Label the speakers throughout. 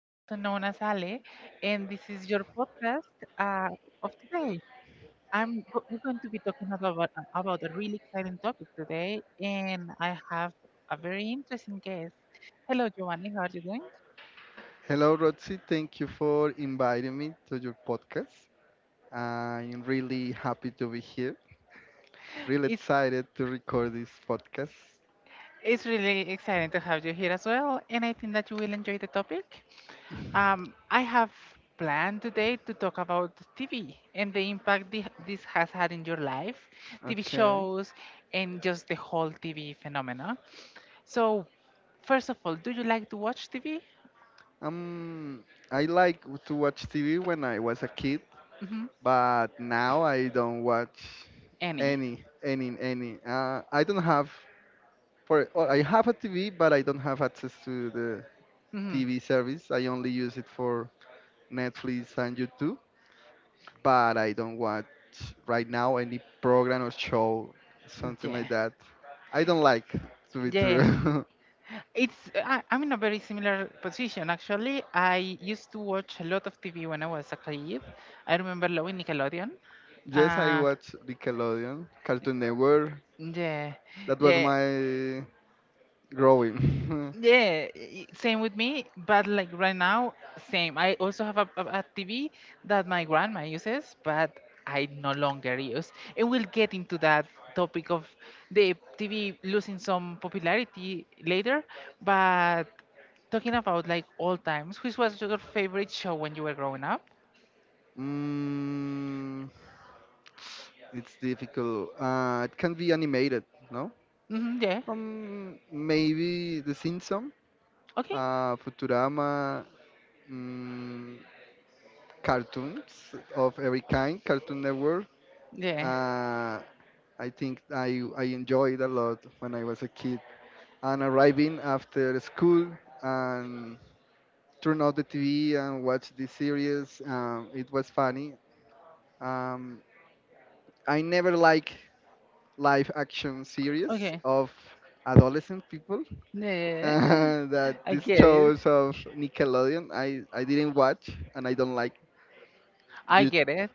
Speaker 1: also known as Ale, and this is your podcast uh, of today. We're going to be talking about a really exciting topic today, and I have a very interesting guest. Hello, Giovanni, how are you doing?
Speaker 2: Hello, Roxy. Thank you for inviting me to your podcast. I'm really happy to be here. Really
Speaker 1: It's
Speaker 2: excited to record this podcast.
Speaker 1: it's really exciting to have you here as well, and I think that you will enjoy the topic. I have planned today to talk about TV and the impact this has had in your life, TV
Speaker 2: Okay.
Speaker 1: shows, and just the whole TV phenomena. So, first of all, do you like to watch TV?
Speaker 2: Um, I like to watch TV when I was a kid,
Speaker 1: Hmm
Speaker 2: but now I don't watch
Speaker 1: Any?
Speaker 2: any. I don't have for. Well, I have a TV, but I don't have access to the
Speaker 1: Hmm
Speaker 2: TV service. I only use it for Netflix and YouTube, but I don't watch right now any program or show, something
Speaker 1: Yeah.
Speaker 2: like that. I don't like to be
Speaker 1: Yeah.
Speaker 2: true.
Speaker 1: It's I'm in a very similar position actually. I used to watch a lot of TV when I was a kid. I remember loving Nickelodeon.
Speaker 2: Yes, I
Speaker 1: Uh,
Speaker 2: watch Nickelodeon, Cartoon Network.
Speaker 1: yeah,
Speaker 2: That was
Speaker 1: yeah.
Speaker 2: my growing.
Speaker 1: Yeah, same with me, but like right now, same. I also have a TV that my grandma uses, but I no longer use. And we'll get into that topic of the TV losing some popularity later, but talking about like old times, which was your favorite show when you were growing up?
Speaker 2: mm, it's difficult. It can be animated, no?
Speaker 1: Hmm yeah.
Speaker 2: Maybe The Simpsons,
Speaker 1: Okay.
Speaker 2: Futurama, mm, cartoons of every kind, Cartoon Network.
Speaker 1: Yeah.
Speaker 2: Uh, I think I enjoyed a lot when I was a kid. And arriving after school and turn on the TV and watch the series, it was funny. Um, I never like live action series
Speaker 1: Okay.
Speaker 2: of adolescent people.
Speaker 1: Yeah.
Speaker 2: That
Speaker 1: I
Speaker 2: these
Speaker 1: get it.
Speaker 2: shows of Nickelodeon, I didn't watch and I don't like.
Speaker 1: I
Speaker 2: Did,
Speaker 1: get it.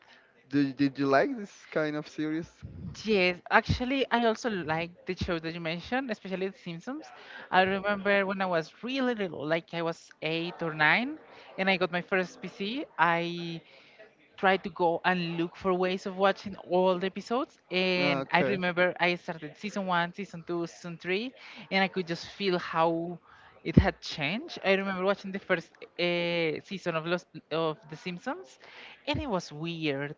Speaker 2: did you like this kind of series?
Speaker 1: Yes, actually, I also like the show that you mentioned, especially The Simpsons. I remember when I was really little, like I was eight or nine, and I got my first PC. I tried to go and look for ways of watching all the episodes,
Speaker 2: Ah,
Speaker 1: and I
Speaker 2: okay.
Speaker 1: remember I started season one, season two, season three, and I could just feel how it had changed. I remember watching the first season of The Simpsons, and it was weird.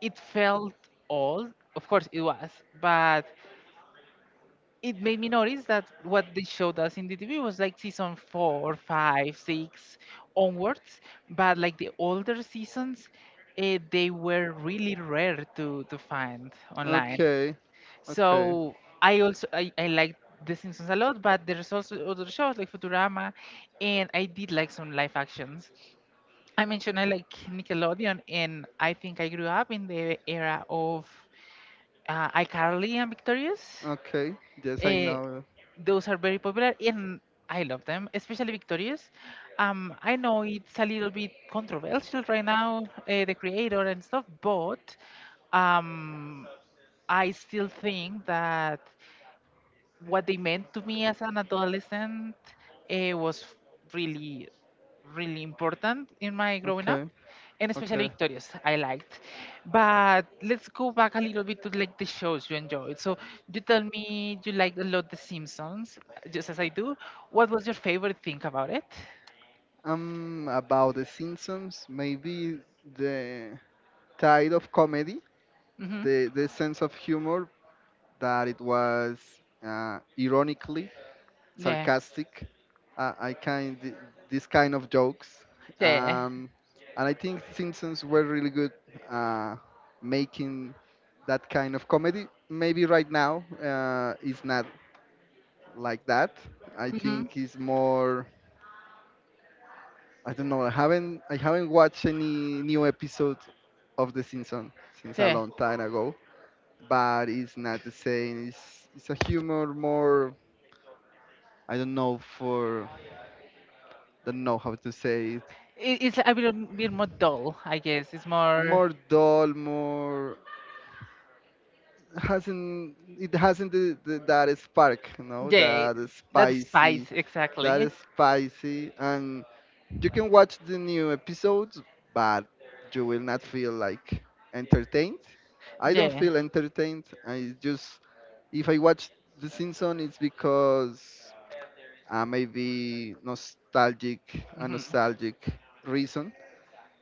Speaker 1: It felt old. Of course, it was, but it made me notice that what the show does in the TV was like season four, five, six onwards. But like the older seasons, they were really rare to find online.
Speaker 2: Okay. Okay.
Speaker 1: So I also I liked The Simpsons a lot, but there's also other shows like Futurama, and I did like some live actions. I mentioned I like Nickelodeon, and I think I grew up in the era of iCarly and Victorious.
Speaker 2: Okay. Yes, I
Speaker 1: Uh,
Speaker 2: know.
Speaker 1: those are very popular and I love them, especially Victorious. I know it's a little bit controversial right now, the creator and stuff, but um, I still think that what they meant to me as an adolescent was really, really important in my growing up,
Speaker 2: Okay.
Speaker 1: and especially
Speaker 2: Okay.
Speaker 1: Victorious, I liked. But let's go back a little bit to like the shows you enjoyed. So you tell me you liked a lot The Simpsons, just as I do. What was your favorite thing about it?
Speaker 2: About the Simpsons, maybe the tide of comedy,
Speaker 1: Mm-hmm.
Speaker 2: the sense of humor that it was ironically
Speaker 1: Yeah,
Speaker 2: sarcastic. I kind these kind of jokes,
Speaker 1: yeah,
Speaker 2: um, and I think Simpsons were really good uh, making that kind of comedy. Maybe right now it's not like that. I
Speaker 1: mm-hmm.
Speaker 2: think it's more. I don't know. I haven't watched any new episode of The Simpsons since a
Speaker 1: Yeah.
Speaker 2: long time ago, but it's not the same. It's a humor more. I don't know for don't know how to say it
Speaker 1: It's a little bit more dull, I guess. It's more,
Speaker 2: more dull, more hasn't it hasn't that spark, you know,
Speaker 1: yeah,
Speaker 2: that
Speaker 1: that
Speaker 2: spicy,
Speaker 1: spice exactly.
Speaker 2: that and you can watch the new episodes, but you will not feel like entertained. I don't
Speaker 1: Yeah.
Speaker 2: feel entertained. I just if I watch The Simpsons, it's because I may be nostalgic, a
Speaker 1: hmm
Speaker 2: nostalgic reason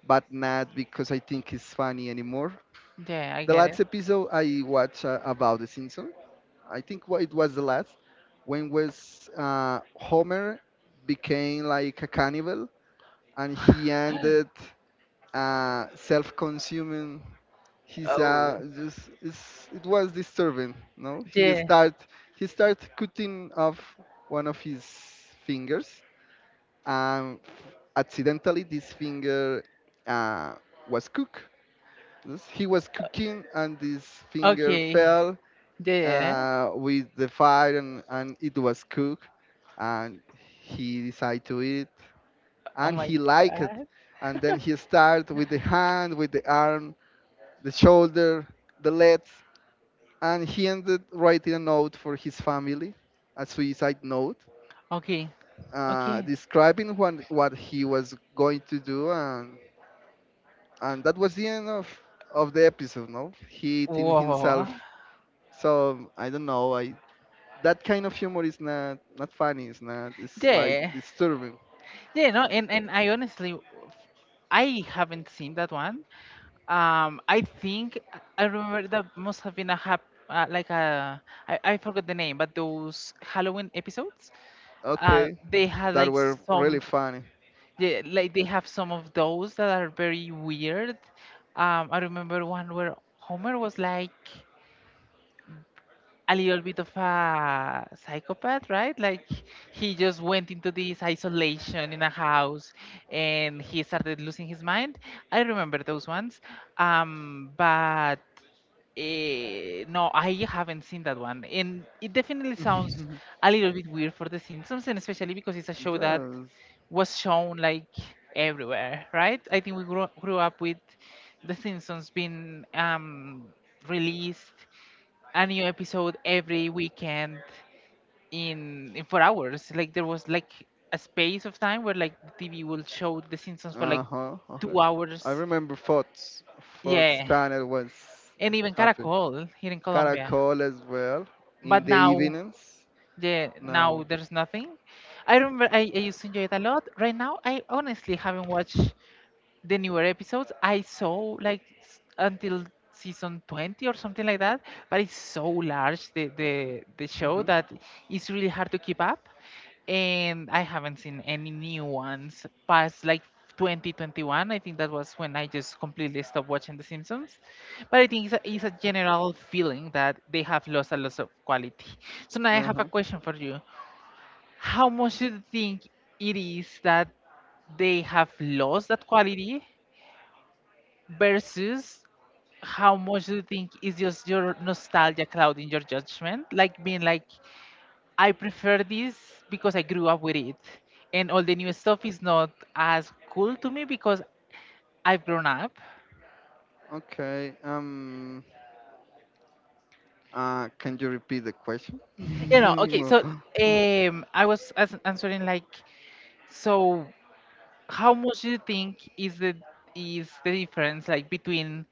Speaker 2: but not because I think it's funny anymore.
Speaker 1: Yeah, I
Speaker 2: The
Speaker 1: get it.
Speaker 2: last episode I watched about The Simpsons, I think it was the last, when was Homer became like a cannibal and he ended self-consuming. His
Speaker 1: Oh,
Speaker 2: just it was disturbing. No,
Speaker 1: yeah.
Speaker 2: he start cutting off one of his fingers, and accidentally this finger uh, was cooked. He was cooking and his finger
Speaker 1: Okay.
Speaker 2: fell
Speaker 1: Yeah.
Speaker 2: with the fire and, it was cooked and he decided to eat it
Speaker 1: Oh
Speaker 2: and
Speaker 1: my
Speaker 2: he liked it.
Speaker 1: God.
Speaker 2: And then he started with the hand, with the arm, the shoulder, the legs, and he ended writing a note for his family, a suicide note,
Speaker 1: Okay. Okay.
Speaker 2: describing what he was going to do and that was the end of the episode, no? He eating
Speaker 1: Whoa.
Speaker 2: himself. So I don't know. I that kind of humor is not not funny. It's not. It's like
Speaker 1: Yeah.
Speaker 2: disturbing.
Speaker 1: Yeah. No. And I honestly, I haven't seen that one. I think I remember that must have been a hap like a I forgot the name, but those Halloween episodes,
Speaker 2: Okay,
Speaker 1: they had
Speaker 2: that
Speaker 1: like
Speaker 2: were really
Speaker 1: some.
Speaker 2: funny.
Speaker 1: Yeah, like they have some of those that are very weird. I remember one where Homer was like a little bit of a psychopath, right? Like he just went into this isolation in a house and he started losing his mind. I remember those ones. Um, but no, I haven't seen that one, and it definitely sounds a little bit weird for The Simpsons, and especially because it's a show that
Speaker 2: Just
Speaker 1: was shown like everywhere, right? I think we grew up with The Simpsons being released a new episode every weekend in 4 hours. Like there was like a space of time where like the TV will show The Simpsons for like
Speaker 2: uh huh. Okay.
Speaker 1: two
Speaker 2: I
Speaker 1: hours.
Speaker 2: remember Fox. Fox
Speaker 1: Yeah,
Speaker 2: channel was
Speaker 1: and even
Speaker 2: happy.
Speaker 1: Caracol here in Colombia.
Speaker 2: Caracol as well in
Speaker 1: But
Speaker 2: the
Speaker 1: now.
Speaker 2: evenings.
Speaker 1: Yeah, now
Speaker 2: No.
Speaker 1: there's nothing. I remember I used to enjoy it a lot. Right now, I honestly haven't watched the newer episodes. I saw like until season 20 or something like that, but it's so large the show
Speaker 2: Hmm.
Speaker 1: that it's really hard to keep up, and I haven't seen any new ones past like 2021. I think that was when I just completely stopped watching The Simpsons, but I think it's it's a general feeling that they have lost a lot of quality. So now I
Speaker 2: Uh
Speaker 1: have a
Speaker 2: huh.
Speaker 1: question for you. How much do you think it is that they have lost that quality versus how much do you think is just your nostalgia clouding your judgment? Like being like, I prefer this because I grew up with it, and all the new stuff is not as cool to me because I've grown up.
Speaker 2: Okay. Can you repeat the question?
Speaker 1: You know, okay, so I was as answering like, so how much do you think is the difference like between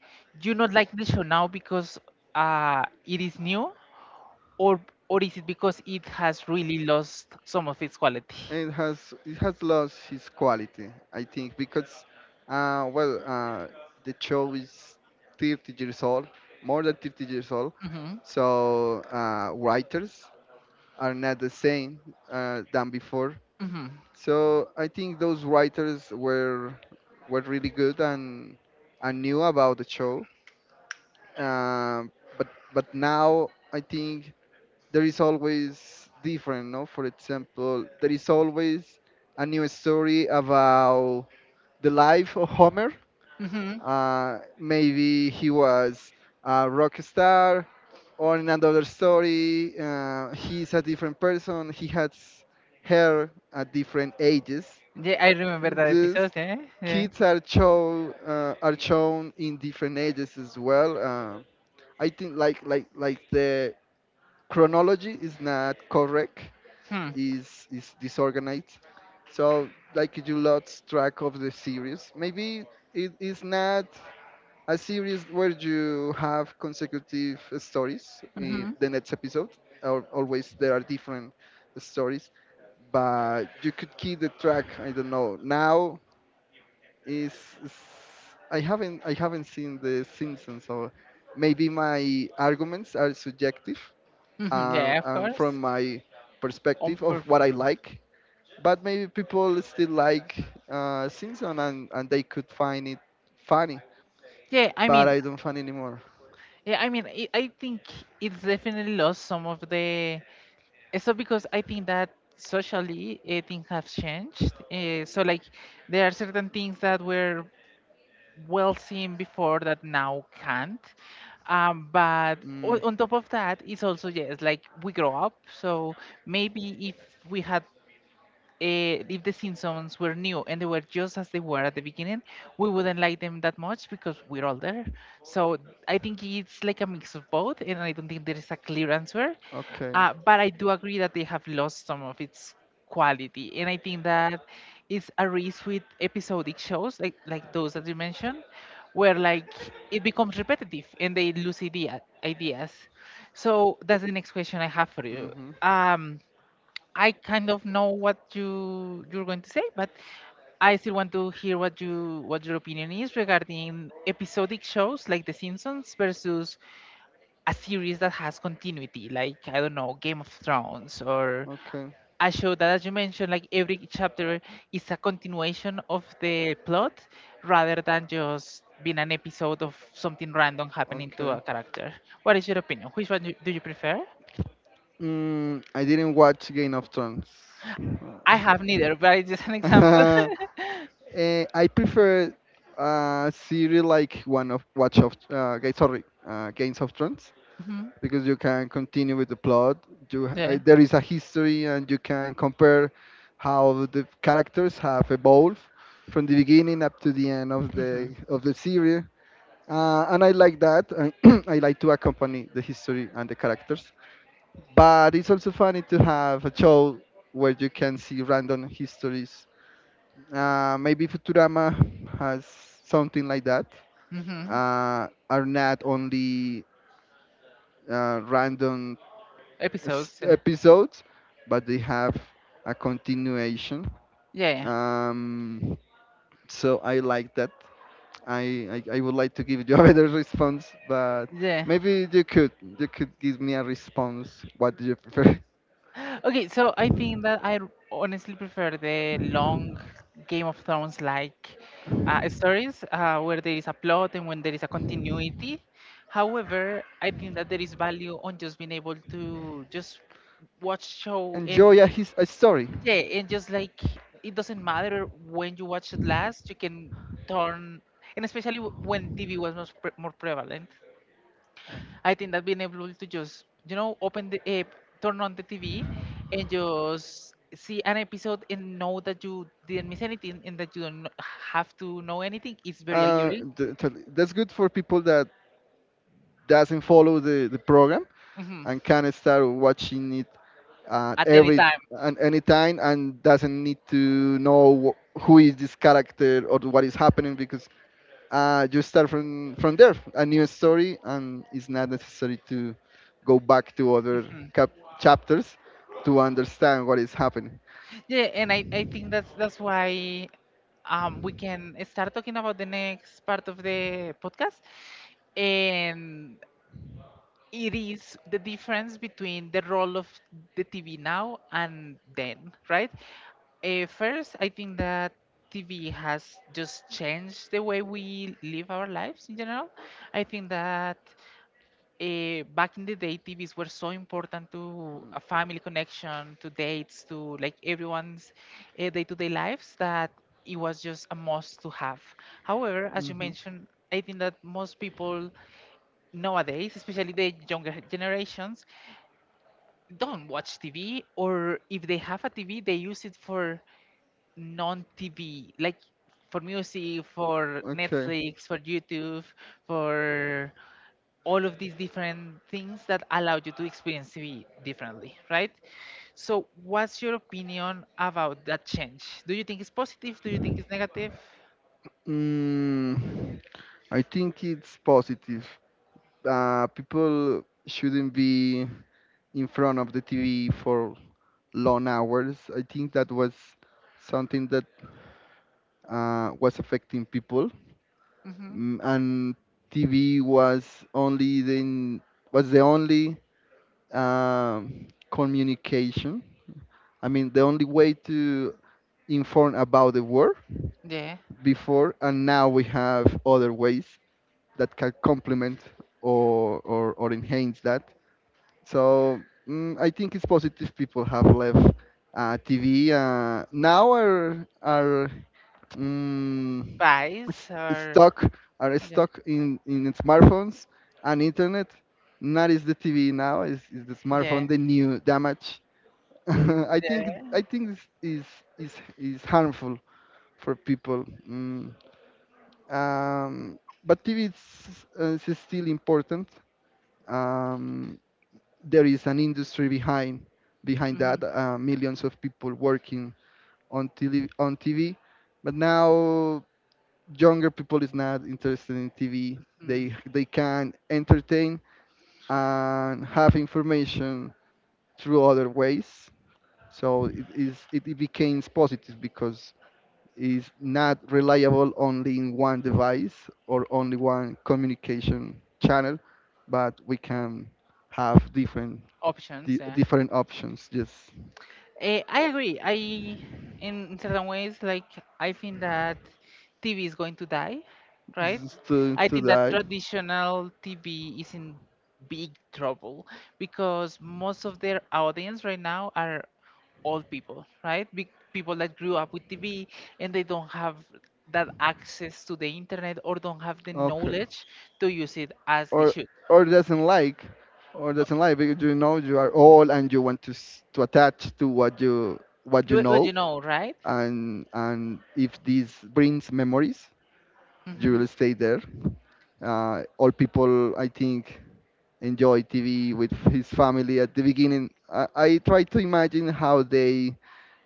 Speaker 1: you not like the show now because it is new, or or is it because it has really lost some of its quality?
Speaker 2: it has lost its quality, I think, because well, the show is 30 years old, more than 30 years old,
Speaker 1: Mhm,
Speaker 2: so writers are not the same than before.
Speaker 1: mhm,
Speaker 2: So I think those writers were really good and knew about the show, um, but now I think there is always different, no? For example, there is always a new story about the life of Homer.
Speaker 1: mhm.
Speaker 2: Maybe he was a rock star, or in another story, he's a different person. He has hair at different ages.
Speaker 1: Yeah, I remember that
Speaker 2: Just
Speaker 1: episode. Yeah, yeah.
Speaker 2: kids are shown in different ages as well. I think like the chronology is not correct
Speaker 1: Hmm.
Speaker 2: is disorganized. So like you lost track of the series. Maybe it is not a series where you have consecutive stories in
Speaker 1: Mhm,
Speaker 2: the next episode. Always there are different stories, but you could keep the track. I don't know. Now is, is I haven't seen the Simpsons, so maybe my arguments are subjective
Speaker 1: mhm. Yeah, of
Speaker 2: and
Speaker 1: course.
Speaker 2: from my
Speaker 1: On
Speaker 2: perspective of what I
Speaker 1: perfume.
Speaker 2: like but maybe people still like Simpson and they could find it funny,
Speaker 1: Yeah, I
Speaker 2: but
Speaker 1: mean,
Speaker 2: I don't find anymore.
Speaker 1: yeah, I mean, I think it's definitely lost some of the. So because I think that socially things have changed. So like there are certain things that were well seen before that now can't. Um, but
Speaker 2: Mm,
Speaker 1: on top of that, it's also yes, like we grow up. So maybe if we had if the Simpsons were new and they were just as they were at the beginning, we wouldn't like them that much because we're older. So I think it's like a mix of both, and I don't think there is a clear answer.
Speaker 2: okay.
Speaker 1: But I do agree that they have lost some of its quality, and I think that is a risk with episodic shows like those that you mentioned, where like it becomes repetitive and they lose ideas. So that's the next question I have for you.
Speaker 2: Hmm.
Speaker 1: Um, I kind of know what you're going to say, but I still want to hear what you what your opinion is regarding episodic shows like The Simpsons versus a series that has continuity, like I don't know, Game of Thrones or
Speaker 2: Okay.
Speaker 1: a show that, as you mentioned, like every chapter is a continuation of the plot rather than just being an episode of something random happening to
Speaker 2: Okay.
Speaker 1: a character. What is your opinion? Which one do you prefer?
Speaker 2: I didn't watch Game of Thrones.
Speaker 1: I have neither, but it's just an example.
Speaker 2: Uh, I prefer series like one of Watch of sorry Games of Thrones because you can continue with the plot. You,
Speaker 1: Yeah.
Speaker 2: there is a history, and you can compare how the characters have evolved from the beginning up to the end of
Speaker 1: Mm-hmm.
Speaker 2: the series. And I like that. I, I like to accompany the history and the characters. But it's also funny to have a show where you can see random histories. Maybe Futurama has something like that.
Speaker 1: Mm-hmm.
Speaker 2: Are not only random
Speaker 1: Episodes.
Speaker 2: episodes, but they have a continuation.
Speaker 1: Yeah.
Speaker 2: Um, so I like that. I would like to give you a better response, but
Speaker 1: Yeah.
Speaker 2: maybe you could give me a response. What do you prefer?
Speaker 1: Okay, so I think that I honestly prefer the long Game of Thrones like stories where there is a plot and when there is a continuity. However, I think that there is value on just being able to just watch show and
Speaker 2: Enjoy a, his, a story.
Speaker 1: yeah, and just like it doesn't matter when you watch it last, you can turn, and especially when TV was much more prevalent, I think that being able to just, you know, open the app, turn on the TV, and just see an episode and know that you didn't miss anything and that you don't have to know anything is very alluring.
Speaker 2: That's good for people that doesn't follow the program
Speaker 1: Hmm
Speaker 2: and can start watching it at
Speaker 1: At any
Speaker 2: every
Speaker 1: time.
Speaker 2: and any time and doesn't need to know who is this character or what is happening because you start from there a new story and it's not necessary to go back to other cap- chapters to understand what is happening.
Speaker 1: Yeah, and I think that's why we can start talking about the next part of the podcast. And it is the difference between the role of the TV now and then, right? First, I think that TV has just changed the way we live our lives in general. I think that back in the day, TVs were so important to a family connection, to dates, to like everyone's day-to-day lives that it was just a must to have. However, as you mentioned, I think that most people nowadays, especially the younger generations, don't watch TV, or if they have a TV, they use it for non-TV, like for music, for Netflix, for YouTube, for all of these different things that allow you to experience TV differently, right? So, what's your opinion about that change? Do you think it's positive? Do you think it's negative?
Speaker 2: Mm, I think it's positive. People shouldn't be in front of the TV for long hours. I think that was something that was affecting people.
Speaker 1: Mm-hmm.
Speaker 2: And TV was only the was the only communication. I mean, the only way to inform about the world
Speaker 1: Yeah.
Speaker 2: before, and now we have other ways that can complement or enhance that. So I think it's positive people have left TV. Now are mm, s-
Speaker 1: Bias or
Speaker 2: stuck are
Speaker 1: yeah.
Speaker 2: stuck in smartphones and internet. Not is the TV now, is the
Speaker 1: Yeah.
Speaker 2: smartphone the new damage.
Speaker 1: Yeah.
Speaker 2: I think this is harmful for people. Mm. But TV is still important. Um, there is an industry behind
Speaker 1: Mm-hmm.
Speaker 2: that. Millions of people working on TV. But now younger people is not interested in TV.
Speaker 1: mm,
Speaker 2: They can entertain and have information through other ways. So it, it becomes positive because is not reliable only in one device or only one communication channel, but we can have different
Speaker 1: options. Yeah,
Speaker 2: different options. Yes,
Speaker 1: eh, I agree. I, in certain ways, like I think that TV is going to die,
Speaker 2: this
Speaker 1: right?
Speaker 2: is to
Speaker 1: I think that
Speaker 2: die.
Speaker 1: traditional TV is in big trouble because most of their audience right now are old people, right? Big people that grew up with TV and they don't have that access to the internet or don't have the
Speaker 2: Okay.
Speaker 1: knowledge to use it as they
Speaker 2: or
Speaker 1: should.
Speaker 2: or doesn't like because you know you are old and you want to to attach to what you
Speaker 1: But
Speaker 2: know
Speaker 1: you know, right?
Speaker 2: and if this brings memories you
Speaker 1: hmm
Speaker 2: will stay there. All people, I think, enjoy TV with his family at the beginning. I try to imagine how they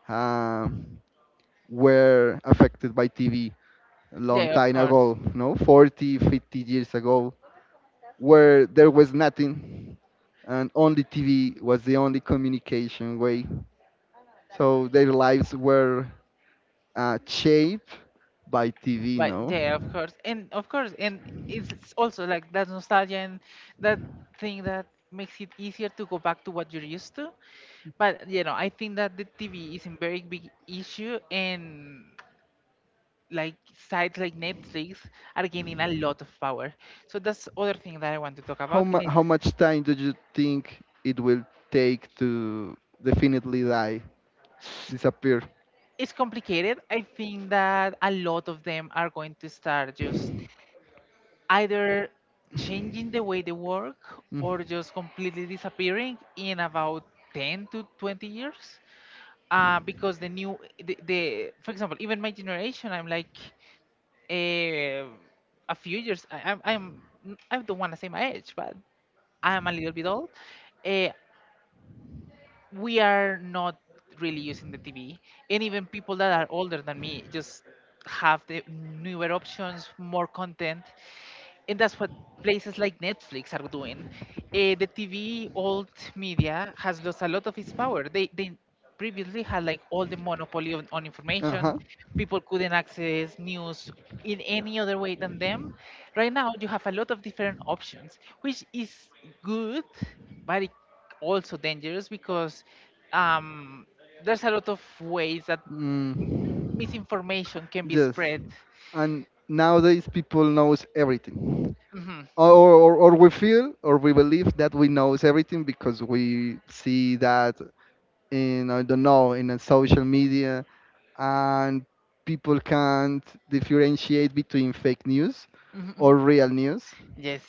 Speaker 2: uh, were affected by TV long
Speaker 1: Yeah, of
Speaker 2: time
Speaker 1: course.
Speaker 2: ago, no, 40, 50 years ago, where there was nothing and only TV was the only communication way. So their lives were shaped by TV,
Speaker 1: But
Speaker 2: no?
Speaker 1: yeah, of course, and it's also like that nostalgia and that thing that makes it easier to go back to what you're used to. But you know, I think that the TV is a very big issue, and like sites like Netflix are gaining a lot of power. So that's other thing that I want to talk about, and
Speaker 2: How much time do you think it will take to definitely die, disappear?
Speaker 1: it's complicated. I think that a lot of them are going to start just either changing the way they work or just completely disappearing in about 10 to 20 years because the new the for example even my generation, I'm like eh, a few years. I am I am, I do not want to say my age, but I am a little bit old. uh, we are not really using the TV, and even people that are older than me just have the newer options, more content. And that's what places like Netflix are doing. The TV, old media, has lost a lot of its power. They previously had like all the monopoly on,
Speaker 2: Uh
Speaker 1: information.
Speaker 2: huh.
Speaker 1: People couldn't access news in any other way than them. Right now you have a lot of different options, which is good, but it also dangerous because um, there's a lot of ways that m-
Speaker 2: Mm,
Speaker 1: misinformation can be
Speaker 2: yes.
Speaker 1: spread.
Speaker 2: And nowadays people knows everything.
Speaker 1: Mhm.
Speaker 2: Or we feel or we believe that we knows everything because we see that I don't know, in a social media and people can't differentiate between fake news
Speaker 1: Mhm, mhm.
Speaker 2: or real news.
Speaker 1: Yes.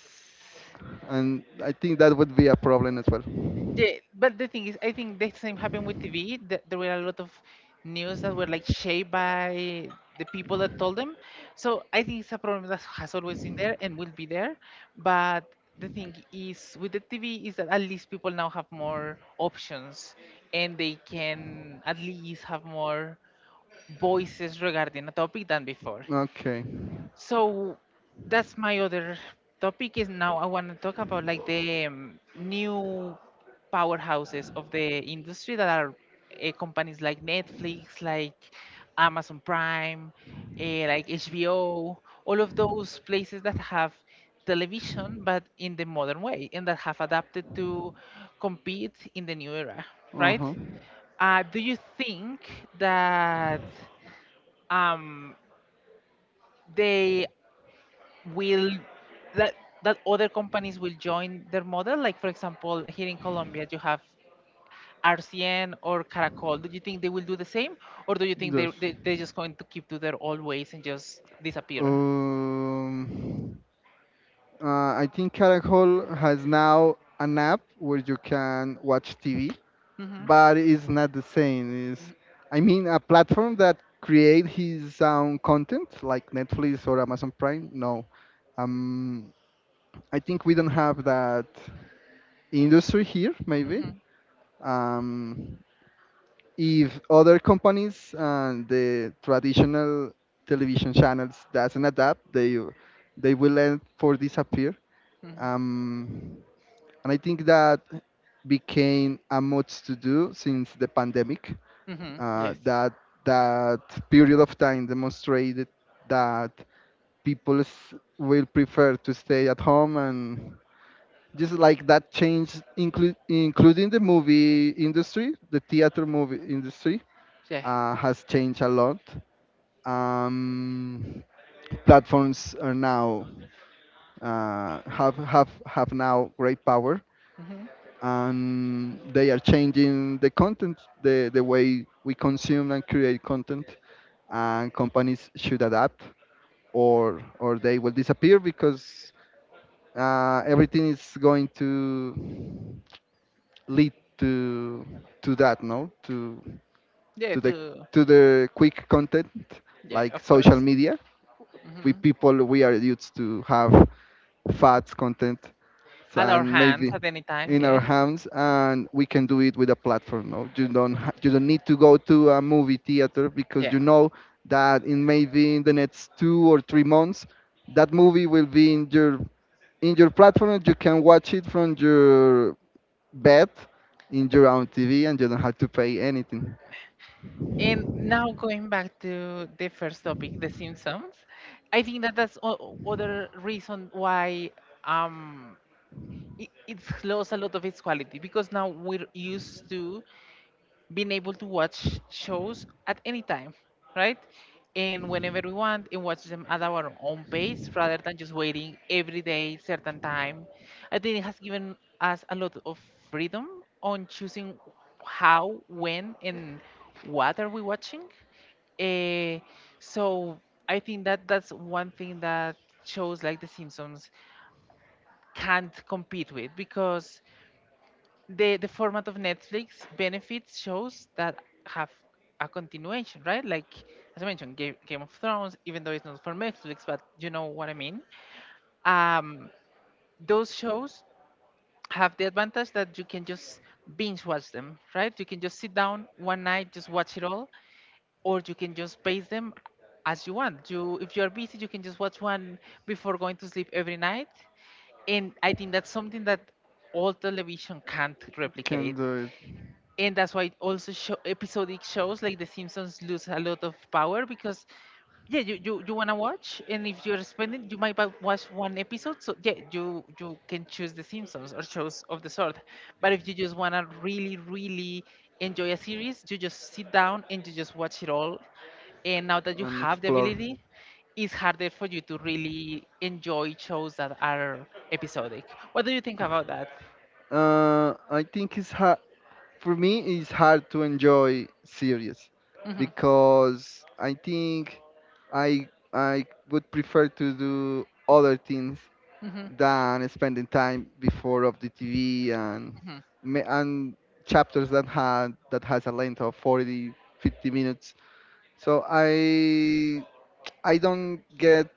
Speaker 2: And I think that would be a problem as well.
Speaker 1: Yeah, but the thing is, I think the same happened with TV. Th There were a lot of news that were like shaped by the people that told them. So I think it's a problem that has always been there and will be there. But the thing is, with the TV, is that at least people now have more options and they can at least have more voices regarding a topic than before.
Speaker 2: Okay.
Speaker 1: So that's my other topic is, now I want to talk about like the new powerhouses of the industry that are companies like Netflix, like Amazon Prime, uh, like HBO, all of those places that have television but in the modern way and that have adapted to compete in the new era, right?
Speaker 2: Uh-huh.
Speaker 1: Do you think that um, they will, that that other companies will join their model? Like for example, here in Colombia, you have RCN or Caracol. Do you think they will do the same, or do you think they
Speaker 2: Yes.
Speaker 1: they they're just going to keep to their old ways and just disappear?
Speaker 2: Um, I think Caracol has now an app where you can watch TV,
Speaker 1: Mhm.
Speaker 2: but it's not the same. It's, I mean, a platform that create his own content like Netflix or Amazon Prime. No, um, I think we don't have that industry here, maybe.
Speaker 1: Mhm.
Speaker 2: Um, if other companies and the traditional television channels doesn't adapt, they will end for disappear.
Speaker 1: Mhm.
Speaker 2: Um, and I think that became a much to do since the pandemic.
Speaker 1: Mhm. Yes.
Speaker 2: That that period of time demonstrated that people will prefer to stay at home and just like that change, including the movie industry, the theater movie industry,
Speaker 1: Yeah.
Speaker 2: has changed a lot. Um, Platforms are now have now great power,
Speaker 1: Mhm.
Speaker 2: and they are changing the content, the way we consume and create content, and companies should adapt, or they will disappear because everything is going to lead to that, no, to
Speaker 1: Yeah.
Speaker 2: the
Speaker 1: Too.
Speaker 2: to the quick content
Speaker 1: Yeah.
Speaker 2: like
Speaker 1: Of
Speaker 2: social
Speaker 1: course.
Speaker 2: media we
Speaker 1: Mhm.
Speaker 2: people we are used to have fat content
Speaker 1: At
Speaker 2: and
Speaker 1: our
Speaker 2: maybe
Speaker 1: hands at any time.
Speaker 2: in our
Speaker 1: Yeah.
Speaker 2: hands, and we can do it with a platform. No, you don't need to go to a movie theater because you
Speaker 1: Yeah.
Speaker 2: know that in maybe in the next 2 or 3 months that movie will be in your platform, and you can watch it from your bed in your own TV and you don't have to pay anything,
Speaker 1: And now going back to the first topic, The Simpsons, I think that that's other reason why um, it's lost a lot of its quality, because now we're used to being able to watch shows at any time, right? And whenever we want, and watch them at our own pace rather than just waiting every day, certain time. I think it has given us a lot of freedom on choosing how, when, and what are we watching. Eh, so I think that that's one thing that shows like The Simpsons can't compete with, because the format of Netflix benefits shows that have a continuation, right? Like as I mentioned, Game of Thrones, even though it's not for Netflix, but you know what I mean. Um, those shows have the advantage that you can just binge watch them, right? You can just sit down one night, just watch it all, or you can just pace them as you want. If you are busy, you can just watch one before going to sleep every night. And I think that's something that all television can't
Speaker 2: can
Speaker 1: replicate.
Speaker 2: do it
Speaker 1: And that's why also episodic shows like The Simpsons lose a lot of power, because yeah, you wanna watch, and if you're spending, you might watch one episode. So yeah, you can choose The Simpsons or shows of the sort. But if you just wanna really really enjoy a series, you just sit down and you just watch it all. And now that you
Speaker 2: and
Speaker 1: have the
Speaker 2: explore.
Speaker 1: ability, it's harder for you to really enjoy shows that are episodic. What do you think about that?
Speaker 2: I think it's hard for me. It's hard to enjoy series
Speaker 1: Mhm.
Speaker 2: because I think I I would prefer to do other things
Speaker 1: Mhm.
Speaker 2: than spending time before of the TV and
Speaker 1: Mhm.
Speaker 2: and chapters that had that has a length of 40 50 minutes. So I don't get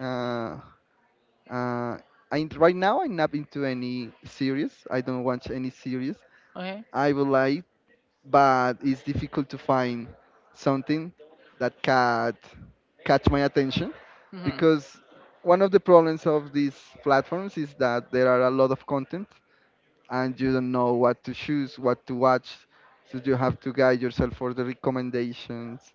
Speaker 2: uh, uh, right now I'm not into any series, I don't watch any series.
Speaker 1: Okay.
Speaker 2: I would like, but it's difficult to find something that can catch my attention,
Speaker 1: Mhm.
Speaker 2: because one of the problems of these platforms is that there are a lot of content and you don't know what to choose, what to watch, so you have to guide yourself for the recommendations.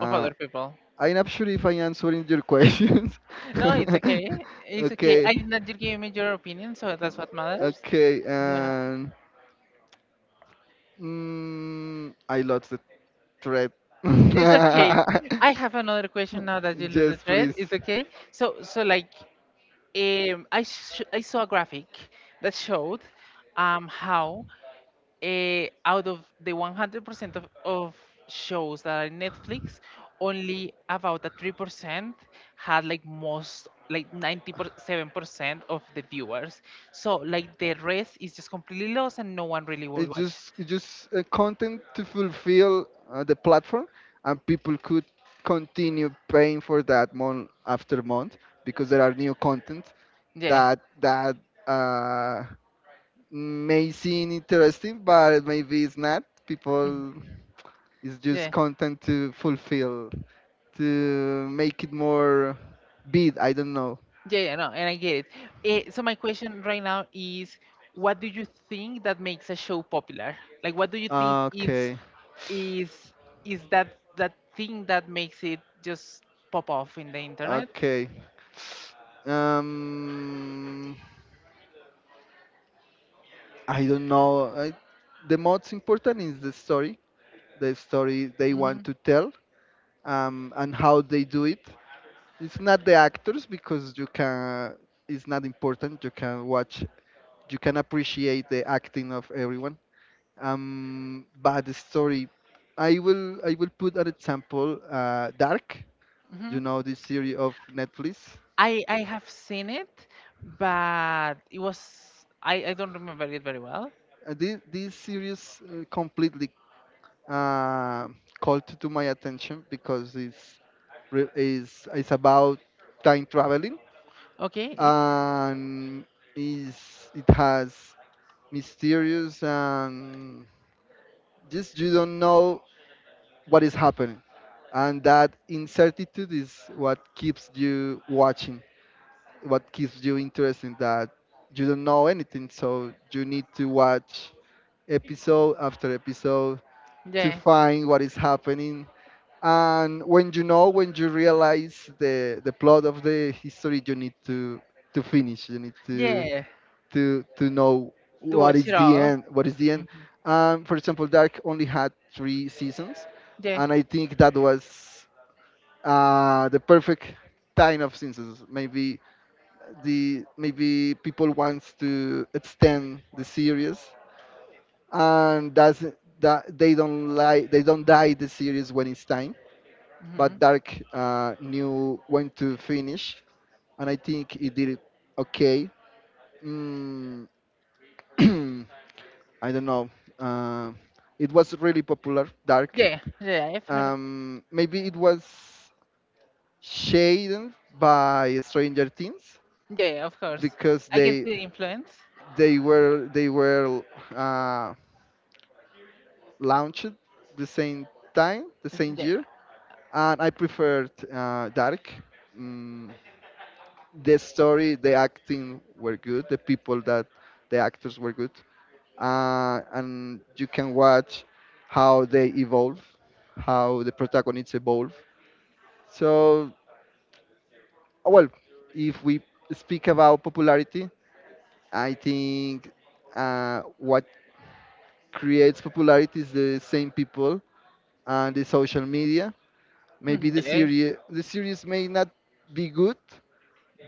Speaker 1: Of other people.
Speaker 2: I'm not sure if I'm answering your questions.
Speaker 1: No, it's okay. It's okay.
Speaker 2: Okay.
Speaker 1: I did not give me your opinion, so that's what matters.
Speaker 2: Okay,
Speaker 1: Yeah.
Speaker 2: and I lost thread.
Speaker 1: It's okay. I have another question now that you lose the
Speaker 2: Yes,
Speaker 1: thread.
Speaker 2: please.
Speaker 1: It's okay. So, so like, I saw a graphic that showed how out of the 100% of shows that are Netflix, only about a 3% had like most, like 97% of the viewers. So like the rest is just completely lost and no one really will
Speaker 2: it's
Speaker 1: watch
Speaker 2: just
Speaker 1: it.
Speaker 2: it's just content to fulfill the platform, and people could continue paying for that month after month because there are new content
Speaker 1: Yeah.
Speaker 2: that uh, may seem interesting but maybe it's not
Speaker 1: Mhm.
Speaker 2: people, it's
Speaker 1: Yeah.
Speaker 2: just content to fulfill, to make it more big. I don't know.
Speaker 1: Yeah, yeah, no, and I get it. So my question right now is, what do you think that makes a show popular? Like, what do you think is,
Speaker 2: Okay,
Speaker 1: is is that that thing that makes it just pop off in the internet?
Speaker 2: okay. Um, I don't know. The most important is the story they
Speaker 1: Hmm.
Speaker 2: want to tell, and how they do it. It's not the actors, because you can. It's not important. You can watch. You can appreciate the acting of everyone. Bad story. I will put an example. Dark,
Speaker 1: Hmm.
Speaker 2: you know, this series of Netflix.
Speaker 1: I have seen it, but it was, I don't remember it very well.
Speaker 2: This series completely uh, called to my attention because it's re- is it's about time traveling,
Speaker 1: Okay.
Speaker 2: and is it has mysterious, and just you don't know what is happening, and that incertitude is what keeps you watching, what keeps you interested in that. You don't know anything, so you need to watch episode after episode to
Speaker 1: Yeah.
Speaker 2: find what is happening. And when you know, when you realize the plot of the history, you need to finish, you need
Speaker 1: Yeah.
Speaker 2: to know
Speaker 1: To
Speaker 2: what
Speaker 1: watch
Speaker 2: is
Speaker 1: it
Speaker 2: the
Speaker 1: all.
Speaker 2: end, what is the end.
Speaker 1: Hmm.
Speaker 2: For example, dark only had 3 seasons,
Speaker 1: Yeah.
Speaker 2: and I think that was the perfect time of seasons. Maybe the maybe people wants to extend the series, and that's that they don't like, they don't die the series when it's time.
Speaker 1: Mm-hmm.
Speaker 2: But dark knew when to finish, and I think it did it okay. mm, I don't know, uh, it was really popular, dark.
Speaker 1: Yeah, yeah, I've heard.
Speaker 2: Maybe it was shaded by Stranger Things,
Speaker 1: Yeah, of course.
Speaker 2: because
Speaker 1: I can
Speaker 2: they
Speaker 1: see the influence.
Speaker 2: they were uh, launched the same time, the same
Speaker 1: Yeah,
Speaker 2: year, and I preferred Dark. Mm, the story, the acting were good. The people that, the actors were good, and you can watch how they evolve, how the protagonists evolve. So, well, if we speak about popularity, I think what creates popularity is the same people and the social media. Maybe
Speaker 1: mhm,
Speaker 2: the
Speaker 1: yeah,
Speaker 2: series, may not be good,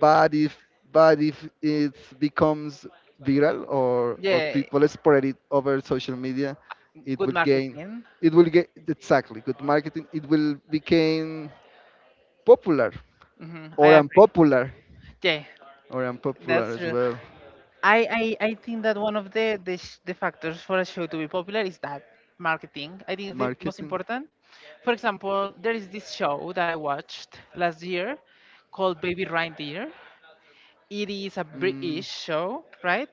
Speaker 2: but if but if it becomes viral, or
Speaker 1: yeah.
Speaker 2: people spread it over social media, it
Speaker 1: Good
Speaker 2: will gain,
Speaker 1: marketing.
Speaker 2: it will get, exactly, good marketing, it will become popular
Speaker 1: Hmm, I
Speaker 2: or
Speaker 1: agree.
Speaker 2: unpopular,
Speaker 1: Yeah,
Speaker 2: or unpopular
Speaker 1: that's
Speaker 2: as
Speaker 1: true.
Speaker 2: well.
Speaker 1: I think that one of the the factors for a show to be popular is that marketing. I think it's the most
Speaker 2: Marketing.
Speaker 1: important. For example, there is this show that I watched last year called Baby Reindeer. It is a
Speaker 2: mm,
Speaker 1: British show, right?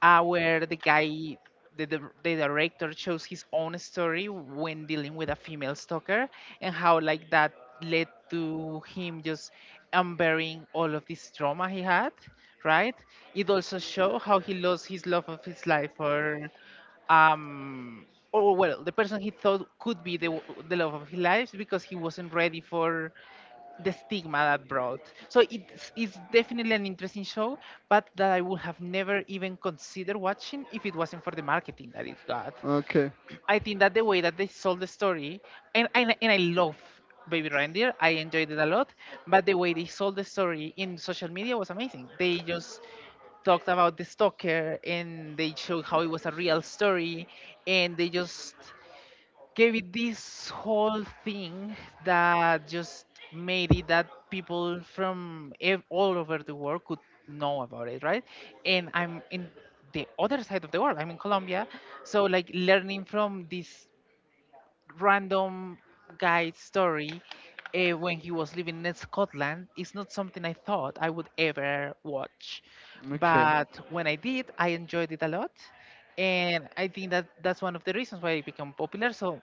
Speaker 1: Where the guy, the director, chose his own story when dealing with a female stalker, and how, like, that led to him just unburying all of this trauma he had, right? It also showed how he lost his love of his life, um or well the person he thought could be the the love of his life, because he wasn't ready for the stigma that brought. So it's definitely an interesting show, but that I would have never even considered watching if it wasn't for the marketing that it got.
Speaker 2: okay,
Speaker 1: I think that the way that they sold the story, and, and I love Baby Reindeer, I enjoyed it a lot, but the way they sold the story in social media was amazing. They just talked about the stalker and they showed how it was a real story, and they just, okay, with this whole thing that just made it that people from all over the world could know about it, right? And I'm in the other side of the world, I'm in Colombia. So, like, learning from this random guy's story when he was living in Scotland is not something I thought I would ever watch.
Speaker 2: okay,
Speaker 1: But when I did, I enjoyed it a lot, and I think that that's one of the reasons why it became popular. So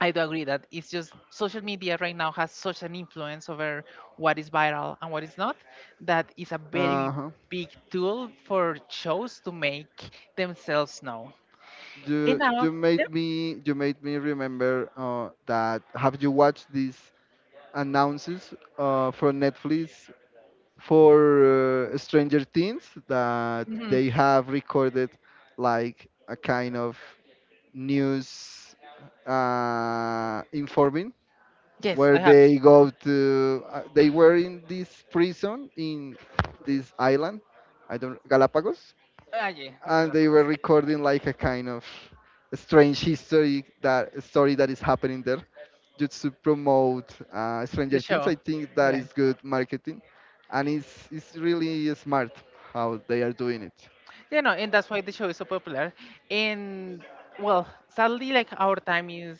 Speaker 1: I do agree that it's just social media right now has such an influence over what is viral and what is not, that is a very
Speaker 2: uh-huh.
Speaker 1: big tool for shows to make themselves known. And
Speaker 2: you
Speaker 1: now,
Speaker 2: you made
Speaker 1: yep.
Speaker 2: me you made me remember that, have you watched this announces from Netflix for Stranger Things, that
Speaker 1: Mhm,
Speaker 2: they have recorded like a kind of news informing,
Speaker 1: yes,
Speaker 2: where
Speaker 1: I have seen
Speaker 2: they
Speaker 1: them.
Speaker 2: go to they were in this prison in this island, I don't, Galapagos,
Speaker 1: Ah, yeah, Mika
Speaker 2: and
Speaker 1: La.
Speaker 2: they were recording like a kind of strange history, that story that is happening there, just to promote Stranger
Speaker 1: The
Speaker 2: Things.
Speaker 1: show.
Speaker 2: I think that
Speaker 1: Yeah.
Speaker 2: is good marketing, and it's really smart how they are doing it.
Speaker 1: You know, and that's why the show is so popular. And well, sadly, like our time is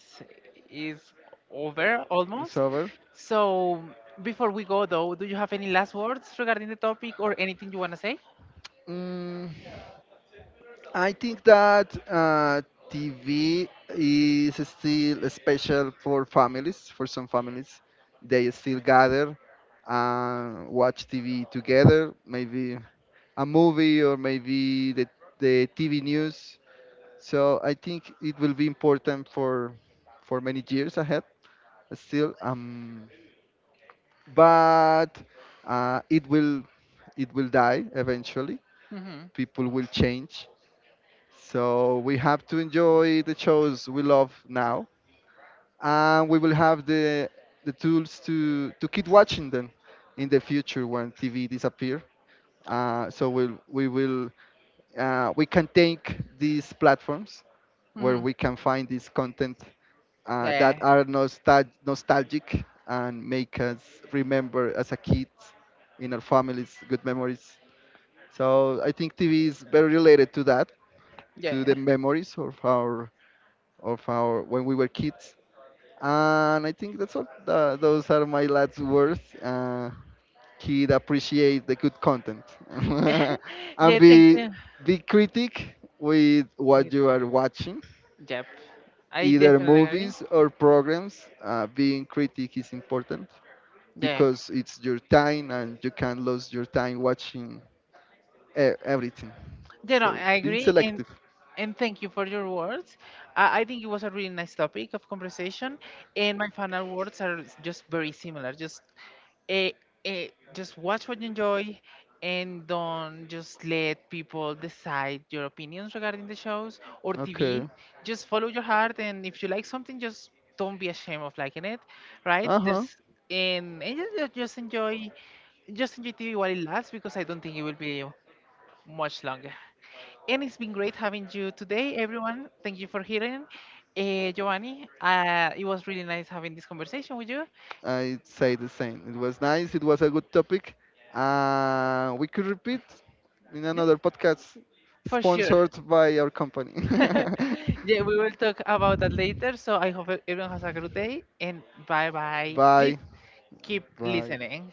Speaker 1: is over
Speaker 2: It's
Speaker 1: almost,
Speaker 2: over.
Speaker 1: so before we go though, do you have any last words regarding the topic or anything you want to say?
Speaker 2: Mm, I think that TV is still special for families. For some families, they still gather and watch TV together. Maybe a movie, or maybe the TV news. So I think it will be important for many years ahead still. But it will, it will die eventually.
Speaker 1: Mm-hmm.
Speaker 2: People will change. So we have to enjoy the shows we love now, and we will have the tools to keep watching them in the future when TV disappear. So we'll, we will we can take these platforms where
Speaker 1: Mm-hmm.
Speaker 2: we can find this content that
Speaker 1: Yeah,
Speaker 2: are nostalgic and make us remember as a kid in our families good memories. So I think TV is very related to that, to
Speaker 1: yeah.
Speaker 2: the memories of our when we were kids. And I think that's all. Those are my last words. He'd appreciate the good content, and
Speaker 1: Yeah, thank you.
Speaker 2: be critic with
Speaker 1: Thank
Speaker 2: what
Speaker 1: you,
Speaker 2: you
Speaker 1: Tekka.
Speaker 2: are watching,
Speaker 1: Yep, I
Speaker 2: either
Speaker 1: definitely agree.
Speaker 2: movies or programs. Being critic is important
Speaker 1: Yeah.
Speaker 2: because it's your time, and you can lose your time watching everything.
Speaker 1: You know,
Speaker 2: So
Speaker 1: I
Speaker 2: being
Speaker 1: agree,
Speaker 2: selective,
Speaker 1: and thank you for your words. I think it was a really nice topic of conversation, and my final words are just very similar. Just eh, eh, just watch what you enjoy, and don't just let people decide your opinions regarding the shows or
Speaker 2: okay,
Speaker 1: TV. Just follow your heart, and if you like something, just don't be ashamed of liking it, right?
Speaker 2: uh-huh.
Speaker 1: There's And, just enjoy TV while it lasts, because I don't think it will be much longer. And it's been great having you today, everyone. Thank you for hearing. Giovanni, it was really nice having this conversation with you.
Speaker 2: I'd say the same. It was nice. It was a good topic. We could repeat in
Speaker 1: Yeah,
Speaker 2: another podcast
Speaker 1: for sure.
Speaker 2: sponsored by our company.
Speaker 1: Yeah, we will talk about that later. So I hope everyone has a good day, and bye bye. Please
Speaker 2: Bye.
Speaker 1: keep
Speaker 2: Bye.
Speaker 1: listening.